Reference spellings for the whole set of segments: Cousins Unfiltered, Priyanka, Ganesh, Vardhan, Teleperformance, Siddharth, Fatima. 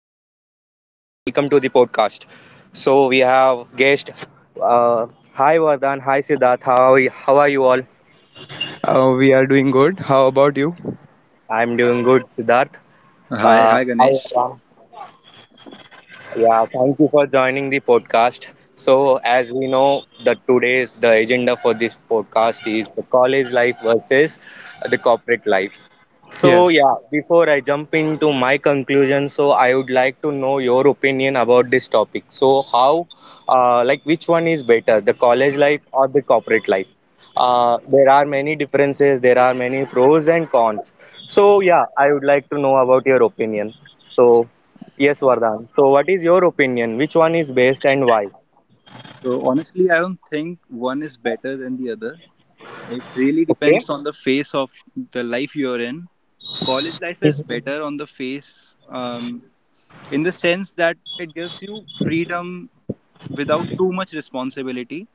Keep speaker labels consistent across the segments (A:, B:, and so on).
A: and welcome to the podcast. So we have guest. Uh, Hi, Vardhan. Hi, Siddharth. How are you all?
B: We are doing good. How about you?
A: I'm doing good, Siddharth.
C: Hi, hi
A: Hi,
C: Ganesh.
A: Vardhan. Yeah, thank you for joining the podcast. So, as we know, the today's the agenda for this podcast is the college life versus the corporate life. So,
B: Yes.
A: yeah, before I jump into my conclusion, so I would like to know your opinion about this topic. So, like, which one is better, the college life or the corporate life? There are many differences, there are many pros and cons. So, yeah, I would like to know about your opinion. So, Yes, Vardhan. So, what is your opinion? Which one is best and why?
C: So honestly, I don't think one is better than the other. It really
A: Okay.
C: depends on the phase of the life you're in. College life is
A: Hmm.
C: better on the face, in the sense that it gives you freedom without too much responsibility.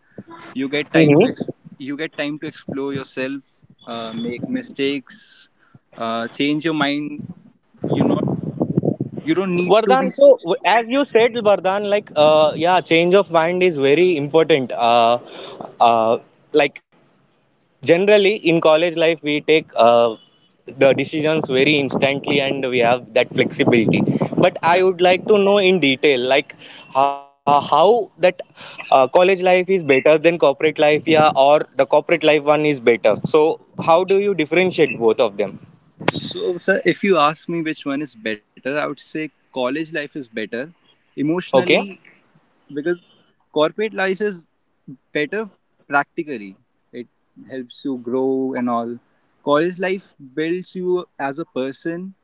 C: You get time to
A: Hmm.
C: ex- you get time to explore yourself, make mistakes, change your mind. You're not you don't need to be.
A: Vardhan, so as you said, Vardhan, like, yeah, change of mind is very important. Uh, like, generally in college life we take the decisions very instantly and we have that flexibility, but I would like to know in detail, like, how that college life is better than corporate life, yeah, or the corporate life one is better. So how do you differentiate both of them?
C: So, sir, if you ask me which one is better, I would say college life is better
A: Okay.
C: emotionally, because corporate life is better practically. It helps you grow and all. College life builds you as a person.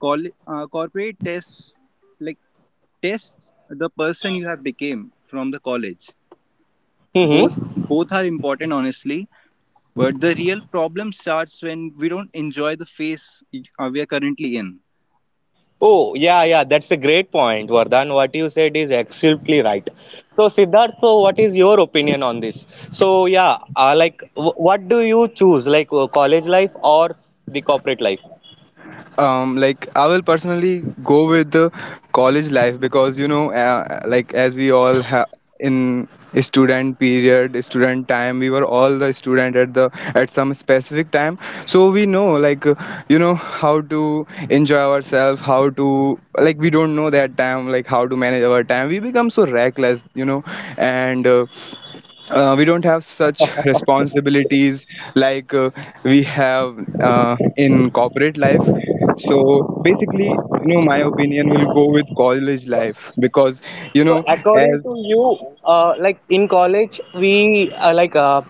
C: Corporate tests, like, tests the person you have became from the college. Both
A: Mm-hmm.
C: both are important, honestly. But the real problem starts when we don't enjoy the phase we are currently in.
A: Oh, yeah, yeah, that's a great point, Vardhan. What you said is absolutely right. So, Siddharth, so what is your opinion on this? So, yeah, like, what do you choose, like, college life or the corporate life?
B: Like I will personally go with the college life because like as we all have in student period, student time, we were all the student at the at some specific time. So we know, how to enjoy ourselves, how to like we don't know that time, like how to manage our time. We become so reckless, and we don't have such responsibilities like we have in corporate life. So basically my opinion will go with college life because you
A: So
B: know
A: according
B: as.
A: to you, like in college, we like,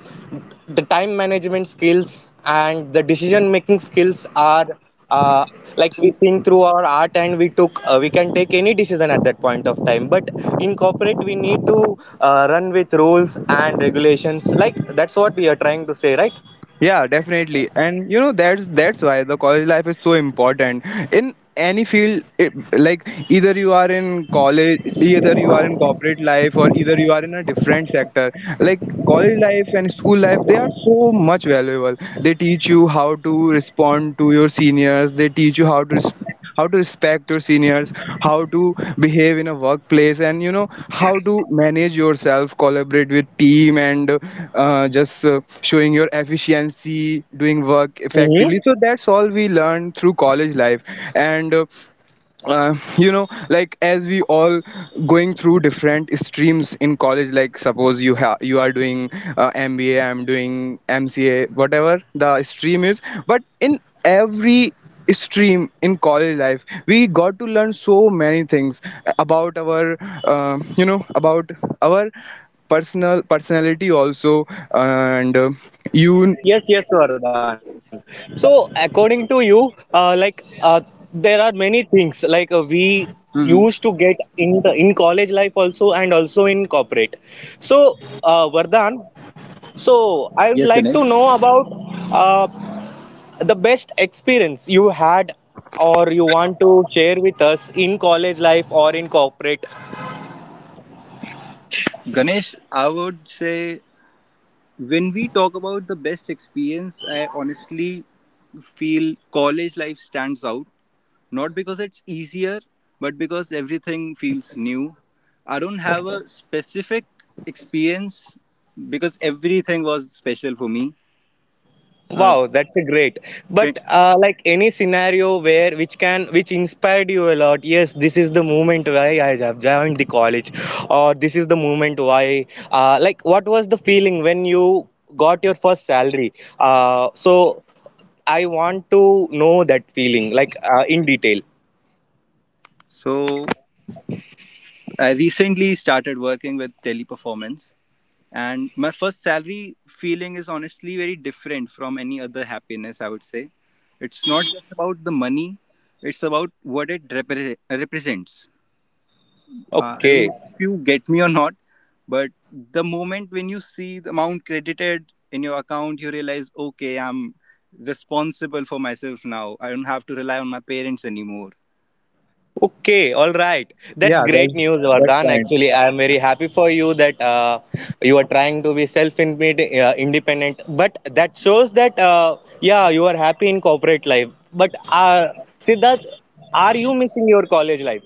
A: the time management skills and the decision making skills are uh, like, we think through our art and we can take any decision at that point of time. But in corporate, we need to run with rules and regulations. Like that's what we are trying to say, right?
B: Yeah, definitely. And you know that's why the college life is so important in any field it, like either you are in college, either you are in corporate life, or either you are in a different sector. Like college life and school life, they are so much valuable. They teach you how to respond to your seniors, they teach you how to respond, how to respect your seniors, how to behave in a workplace, and you know how to manage yourself, collaborate with team, and just showing your efficiency, doing work effectively.
A: Hmm.
B: So that's all we learn through college life. And like as we all going through different streams in college, like suppose you you are doing MBA, I'm doing MCA, whatever the stream is. But in every stream in college life, we got to learn so many things about our about our personality also. And you
A: Yes, yes, Vardhan. So, according to you, like, there are many things like, we used
C: Hmm.
A: to get in college life also and also in corporate. So, Vardhan, so I would
C: Yes,
A: like
C: Ganesh.
A: to know about uh, the best experience you had or you want to share with us in college life or in corporate.
C: Ganesh, I would say when we talk about the best experience, I honestly feel college life stands out. Not because it's easier, but because everything feels new. I don't have a specific experience, because everything was special for me. Uh,
A: Wow, that's a great. But like any scenario where which inspired you a lot. Yes, this is the moment why I have joined the college, or this is the moment why. Like, what was the feeling when you got your first salary? So I want to know that feeling, like, in detail.
C: so I recently started working with Teleperformance, and my first salary feeling is honestly very different from any other happiness, I would say. It's not just about the money, it's about what it represents. I don't
A: Okay.
C: know if you get me or not, but the moment when you see the amount credited in your account, you realize, okay, I'm responsible for myself now. I don't have to rely on my parents anymore.
A: Okay, all right.
B: yeah,
A: That's great news,
B: that's
A: Vardhan.
B: fine.
A: Actually, I am very happy for you that you are trying to be self-independent, independent. But that shows that yeah, you are happy in corporate life. But Siddharth, are you missing your college life?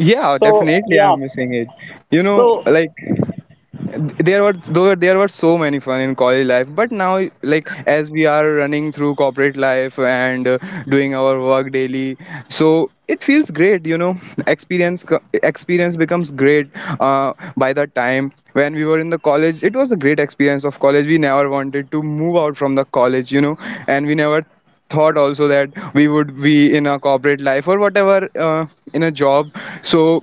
B: Yeah,
A: So
B: definitely
A: yeah.
B: I'm missing it, you know.
A: So.
B: Like there were, though there were so many fun in college life, but now, like as we are running through corporate life and doing our work daily, so it feels great, you know. Experience becomes great by the time. When we were in the college, it was a great experience of college. We never wanted to move out from the college, you know. And we never thought also that we would be in a corporate life, or whatever, in a job. So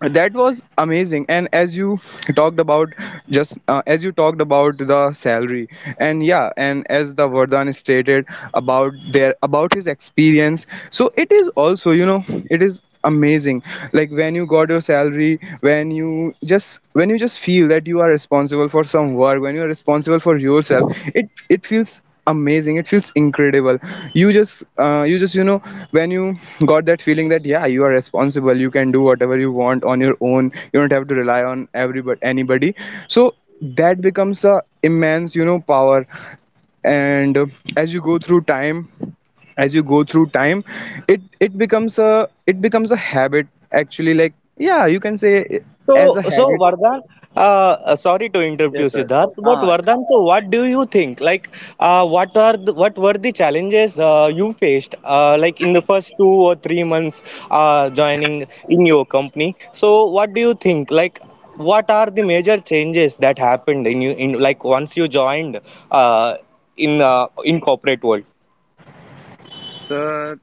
B: that was amazing. And as you talked about, just as you talked about the salary, and yeah, and as the Vardhan stated about their, about his experience, so it is also, you know, it is amazing. Like when you got your salary, when you just, when you just feel that you are responsible for some work, when you are responsible for yourself, it feels amazing, it feels incredible. You just you just you know when you got that feeling that yeah, you are responsible, you can do whatever you want on your own. You don't have to rely on everybody, anybody. So that becomes a immense, you know, power. And as you go through time, as you go through time, it becomes a habit, actually. Like yeah, you can say it as
A: So,
B: a
A: so
B: habit.
A: Vardhan, sorry to interrupt you,
C: Yes, sir.
A: Siddharth, but
C: Ah,
A: Vardhan, so what do you think? Like, what were the challenges you faced, like in the first 2 or 3 months joining in your company? So, what do you think? Like, what are the major changes that happened in you in, like, once you joined uh, in corporate world?
C: sir.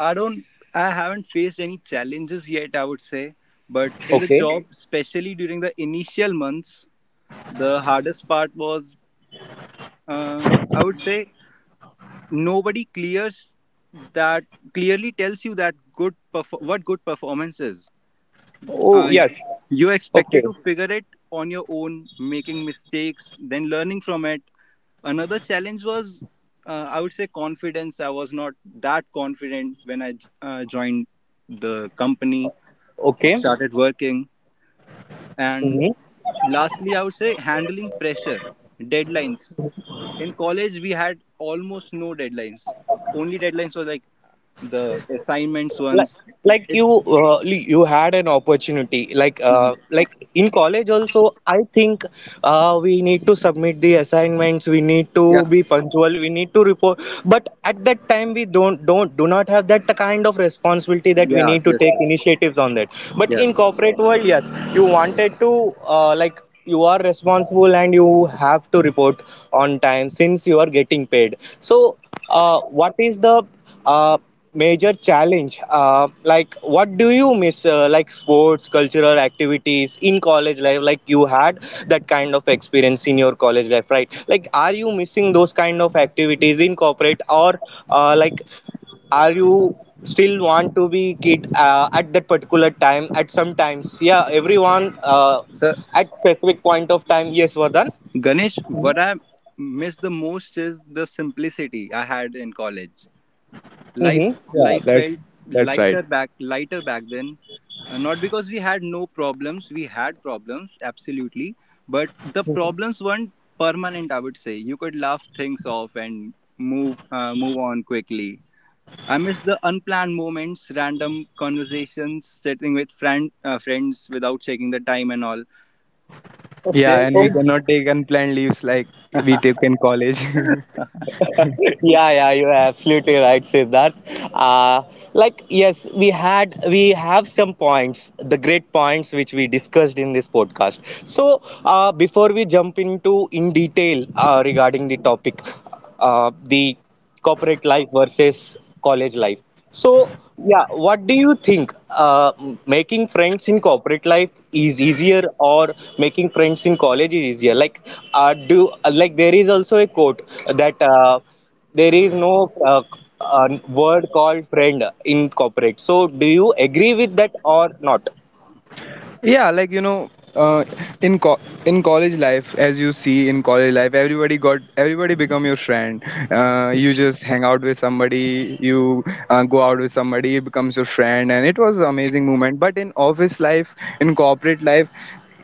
C: I don't I haven't faced any challenges yet, I would say. But in the
A: Okay.
C: job, okay, especially during the initial months, the hardest part was, uh, I would say, nobody clears that clearly tells you that what good performance is.
A: Oh
C: Mm.
A: yes.
C: You're expected
A: Okay.
C: to figure it on your own, making mistakes, then learning from it. Another challenge was, I would say, confidence. I was not that confident when I joined the company or
A: Okay.
C: started working. And
A: Mm-hmm.
C: lastly, I would say, handling pressure, deadlines. In college, we had almost no deadlines. Only deadlines were like the assignments
A: like
C: ones.
A: like you had an opportunity like, in college also, I think we need to submit the assignments, we need to
C: Yeah.
A: be punctual, we need to report, but at that time we don't do not have that kind of responsibility that we
C: Yeah,
A: need to
C: yes sir.
A: take initiatives on that. But in
C: Yes.
A: corporate world, yes, you wanted to, like, you are responsible and you have to report on time since you are getting paid. So what is the uh, major challenge? Like, what do you miss? Like, sports, cultural activities in college life? Like you had that kind of experience in your college life, right? Like, are you missing those kind of activities in corporate, or, like, are you still want to be kid at that particular time? At some times, yeah, everyone,
C: So,
A: at specific point of time. Yes, Vardhan.
C: Ganesh,
A: Mm-hmm.
C: what I miss the most is the simplicity I had in college life.
B: Yeah,
C: life felt
B: that's right.
C: lighter back lighter back then. Not because we had no problems. We had problems, absolutely, but the problems weren't permanent, I would say. You could laugh things off and move on quickly. I miss the unplanned moments, random conversations, sitting with friends without checking the time and all.
B: Yeah,
C: There
B: and we
A: Mm-hmm.
C: is.
B: cannot take unplanned leaves like we take in college.
A: Yeah, yeah, you're absolutely right, Siddharth. Uh, like, yes, we have some points, the great points which we discussed in this podcast. So, before we jump into in detail regarding the topic, the corporate life versus college life. So, yeah, what do you think? Making friends in corporate life is easier, or making friends in college is easier? Like, do like, there is also a quote that, there is no word called friend in corporate. So, do you agree with that or not?
B: Yeah, like uh, in co- in college life, as you see in college life, everybody got, everybody become your friend. You just hang out with somebody, you go out with somebody, it becomes your friend, and it was an amazing moment. But in office life, in corporate life,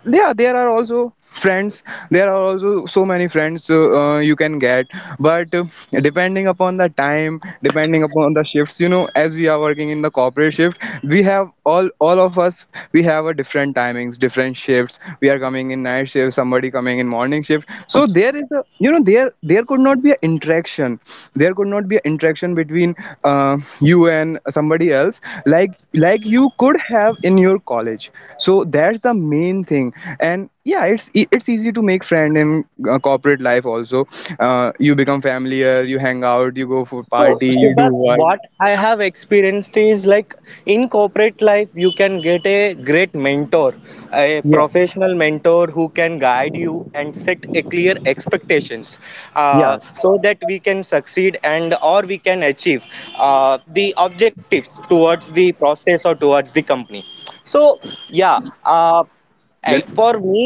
B: yeah, there are also friends, there are also so many friends you can get. But depending upon the time, depending upon the shifts, you know, as we are working in the corporate shift, we have all of us, we have a different timings, different shifts. We are coming in night shift, somebody coming in morning shift. So there is a, you know, there could not be an interaction, there could not be an interaction between uh, you and somebody else, like like you could have in your college. So that's the main thing. And yeah, it's easy to make friend in corporate life also. You become familiar, you hang out, you go for
A: So,
B: party, you do
A: Siddharth,
B: work.
A: what I have experienced is like in corporate life, you can get a great mentor, a
B: Yeah,
A: professional mentor who can guide you and set a clear expectations,
B: yeah.
A: so that we can succeed and or we can achieve the objectives towards the process or towards the company. So, yeah, uh,
C: Gan-
A: for me,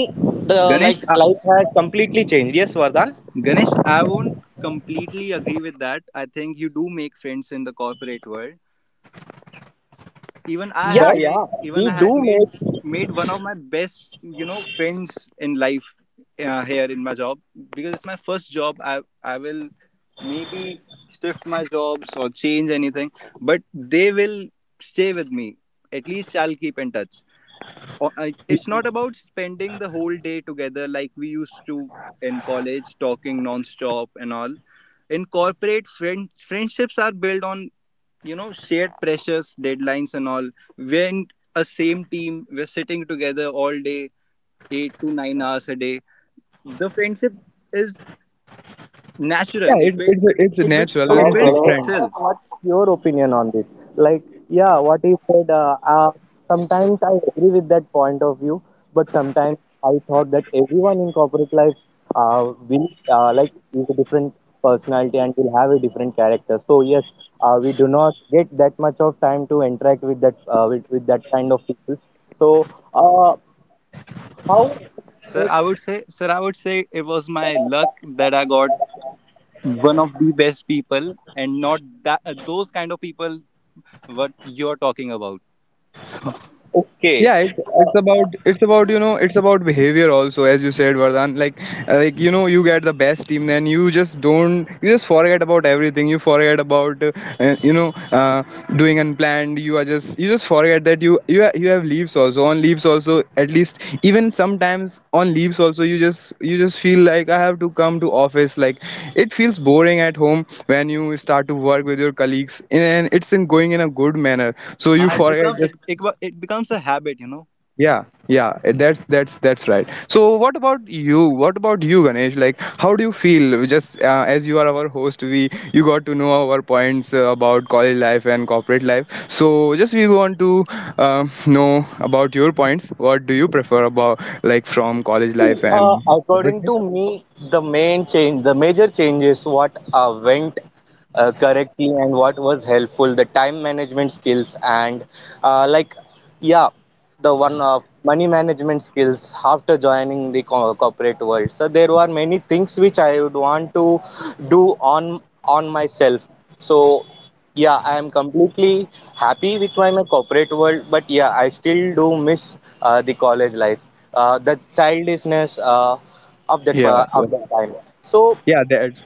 A: the
C: ganesh,
A: like life has completely changed. Yes, Vardhan.
C: Ganesh, I won't completely agree with that. I think you do make friends in the corporate world. Even I
A: Yeah,
C: had
B: But
A: yeah.
C: made even
A: We
C: I
A: do
C: had made
A: make.
C: made one of my best, you know, friends in life, here in my job, because it's my first job. I will maybe shift my jobs or change anything, but they will stay with me. At least I'll keep in touch. It's not about spending the whole day together like we used to in college, talking non-stop and all. In corporate, friendships are built on, you know, shared pressures, deadlines and all. We're in a same team, we're sitting together all day, 8 to 9 hours a day. The friendship is natural.
B: yeah,
C: it
B: it's
C: builds
B: it's
C: it,
B: it's
C: it, builds-
B: natural and
C: it
B: it's
C: builds
B: different.
C: itself.
A: What's your opinion on this? Like, yeah, what he said, sometimes I agree with that point of view, but sometimes I thought that everyone in corporate life like, is a different personality and will have a different character. So, yes, we do not get that much of time to interact with that kind of people. So, uh, how we
C: sir
A: can make.
C: i would say sir i would say it was my luck that I got one of the best people, and not that, those kind of people what you're talking about.
A: Okay.
B: Yeah, it's, it's about, you know, it's about behavior also, as you said, Vardhan. Like like you know, you get the best team, then you just don't, you just forget about everything. You forget about uh, you know uh, doing unplanned. You are just, you just forget that you have leaves also, on leaves also, at least, even sometimes on leaves also, you just, you just feel like I have to come to office. Like it feels boring at home when you start to work with your colleagues and it's in going in a good manner, so you
C: Ah, it
B: forget
C: becomes, it,
B: just.
C: it, wa- it becomes a habit, you know.
B: Yeah, yeah, that's that's right. So what about you, what about you, Ganesh? Like how do you feel? Just as you are our host, we you got to know our points about college life and corporate life. So just we want to know about your points. What do you prefer about, like, from college
A: See,
B: life and corporate
A: according
B: life?
A: to me, the main change, the major change is what went correctly and what was helpful, the time management skills and, like, yeah, the one of money management skills after joining the corporate world. So there were many things which I would want to do on myself. So yeah, I am completely happy with my corporate world, but yeah, I still do miss the college life, the childishness, of that
B: Yeah,
A: pa- of that time. So,
B: yeah, that,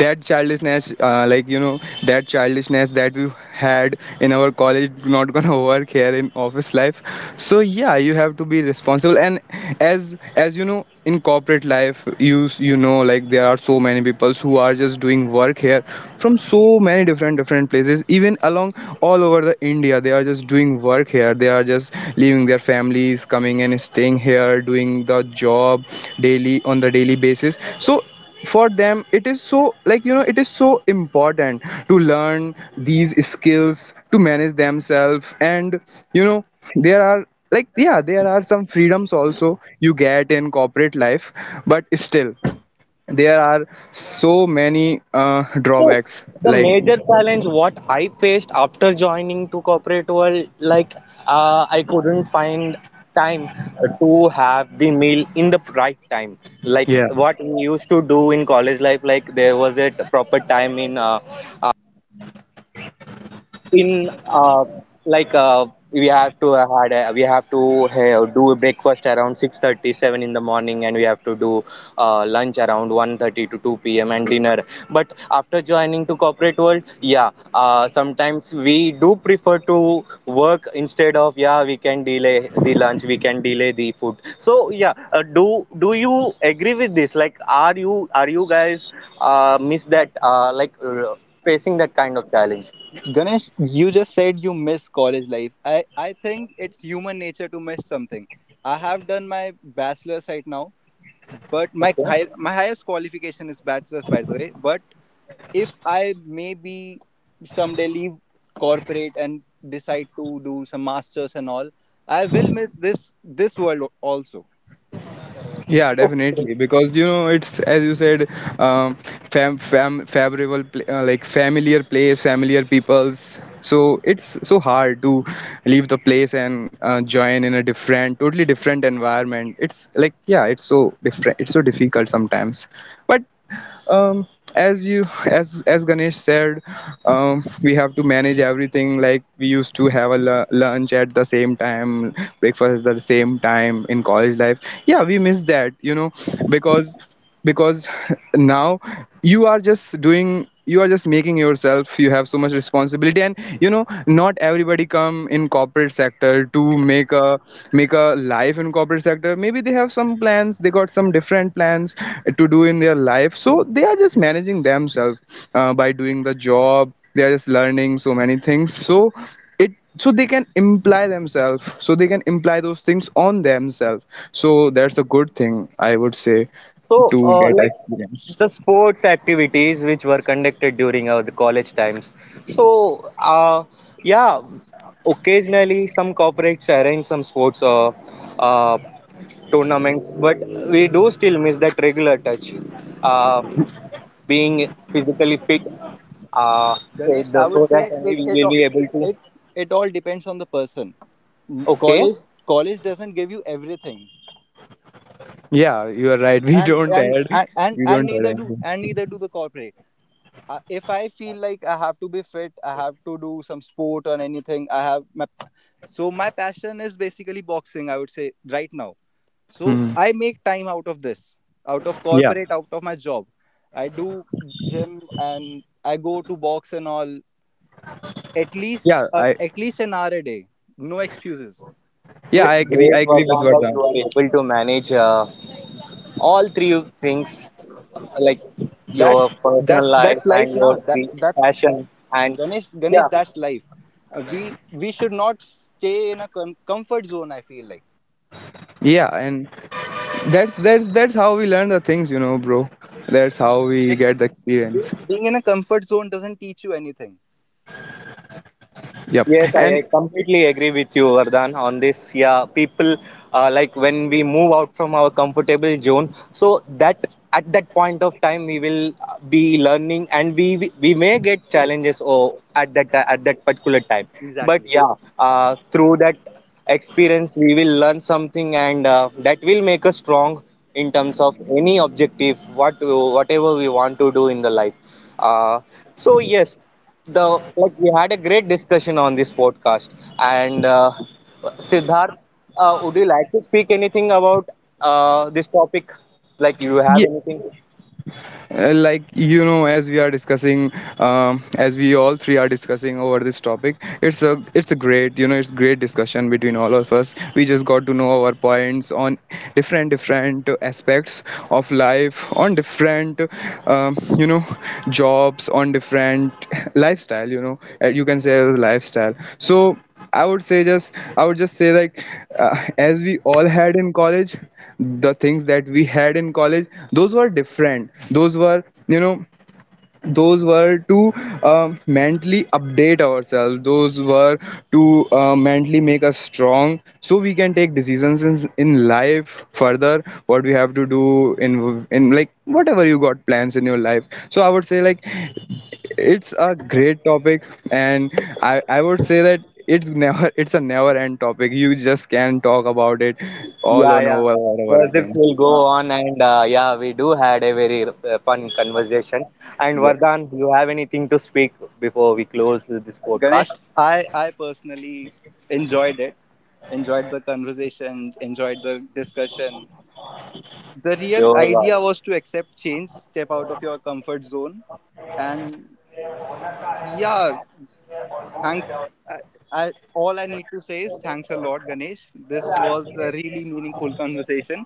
B: that childishness, like you know, that childishness that we had in our college not gonna work here in office life. So yeah, you have to be responsible. And as you know, in corporate life, you know, like there are so many people who are just doing work here from so many different, different places, even along all over the India. They are just doing work here, they are just leaving their families, coming and staying here, doing the job daily, on the daily basis. So for them it is so, like you know, it is so important to learn these skills, to manage themselves. And you know, there are, like yeah, there are some freedoms also you get in corporate life. But still there are so many
A: so
B: drawbacks
A: the
B: like.
A: major challenge what I faced after joining to corporate world, like, I couldn't find time to have the meal in the right time. Like what we used to do in college life, like there was a proper time in. In uh, like, we have to, we have to do a breakfast around 6:37 in the morning, and we have to do lunch around 1:30 to 2 p.m. and dinner. But after joining to corporate world, yeah, sometimes we do prefer to work instead of, yeah, we can delay the lunch, we can delay the food. So yeah, do you agree with this? Like, are you guys miss that, like, facing that kind of challenge?
C: Ganesh, you just said you miss college life. I think it's human nature to miss something. I have done my bachelor's right now, but my
A: Okay.
C: high, my highest qualification is bachelor's, by the way. But if I maybe someday leave corporate and decide to do some masters and all, I will miss this world also.
B: Yeah, definitely. Because you know, it's as you said, um, favorable, like familiar place, familiar peoples. So it's so hard to leave the place and join in a different, totally different environment. It's like, yeah, it's so different. It's so difficult sometimes. But um, as you, as Ganesh said, we have to manage everything. Like we used to have a lunch at the same time, breakfast at the same time in college life. Yeah, we miss that, you know. because because now you are just doing, you are just making yourself, you have so much responsibility. And you know, not everybody come in corporate sector to make a, make a life in corporate sector. Maybe they have some plans, they got some different plans to do in their life. So they are just managing themselves by doing the job. They are just learning so many things. So it, so they can imply themselves, so they can imply those things on themselves. So that's a good thing, I would say.
A: So,
B: To get.
A: like, the sports activities which were conducted during our the college times. So, uh, yeah, occasionally some corporates arrange some sports uh, tournaments, but we do still miss that regular touch, uh, being physically fit. Uh, so,
C: Ganesh, I
A: the,
C: would
A: so
C: say
A: that only
C: it
A: we
C: it
A: will be
C: all-
A: able to.
C: it it all depends on the person. N-
A: Okay,
C: College college doesn't give you everything,
B: Yeah, you are right. We
C: and
B: don't add. We don't add anything.
C: neither do the corporate. If I feel like I have to be fit, I have to do some sport or anything. I have my so my passion is basically boxing, I would say, right now. So
B: Hmm.
C: I make time out of this, out of
B: Yeah.
C: corporate, out of my job. I do gym and I go to box and all, at least
B: Yeah.
C: uh,
B: I.
C: at least an hour a day. No excuses.
B: Yeah,
C: So
B: I
A: that's
B: agree.
A: great,
B: I agree with
A: Vardhan, that
B: Vardhan.
A: you are able to manage all three things, like
C: that's,
A: your personal
C: that's
A: life
C: that's life
A: and
C: now.
A: your
C: that that's
A: passion, and
C: ganesh ganesh
A: yeah.
C: that's life. We should not stay in a comfort zone, I feel like.
B: Yeah, and that's that's how we learn the things, you know, bro. That's how we
C: It-
B: get the
C: Be-
B: experience.
C: being in a comfort zone doesn't teach you anything.
B: Yep.
A: Yes, I
B: And
A: completely agree with you, Vardhan, on this. Yeah, people, like when we move out from our comfortable zone, so that at that point of time we will, be learning, and we may get challenges or at that particular time. But
C: Exactly.
A: yeah, through that experience, we will learn something, and that will make us strong in terms of any objective, whatever we want to do in the life. Uh, so, yes, the like, we had a great discussion on this podcast. And Siddharth, would you like to speak anything about this topic, like, you have
B: yeah,
A: anything?
B: Like you know, as we are discussing, as we all three are discussing over this topic, it's a, it's a great, you know, it's great discussion between all of us. We just got to know our points on different, different aspects of life, on different, um, you know jobs, on different lifestyle, you know, you can say as lifestyle. So I would say, just I would just say, like as we all had in college, the things that we had in college, those were different. Those were, you know, those were to mentally update ourselves. Those were to mentally make us strong, so we can take decisions in life further. What we have to do in, like, whatever you got plans in your life. So I would say, like, it's a great topic. And I would say that it's never it's a never end topic. You just can talk about it all
A: Yeah,
B: on
A: yeah.
B: over and over
A: Gossips
B: again.
A: will go
C: Uh,
A: on, and yeah, we do had a very fun conversation. And
C: yes,
A: Vardhan, you have anything to speak before we close this
C: Ganesh.
A: podcast?
C: I i personally enjoyed it, enjoyed the conversation, enjoyed the discussion. The real
A: Your, uh,
C: idea was to accept change, step out of your comfort zone, and yeah, thanks. I, I, all I need to say is thanks a lot, Ganesh. This was a really meaningful conversation.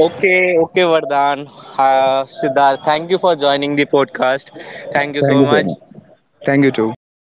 A: Okay, okay, Vardhan. Siddharth, thank you for joining the podcast. Thank you
B: Thank
A: so
B: you so
A: much.
B: much. Thank you too.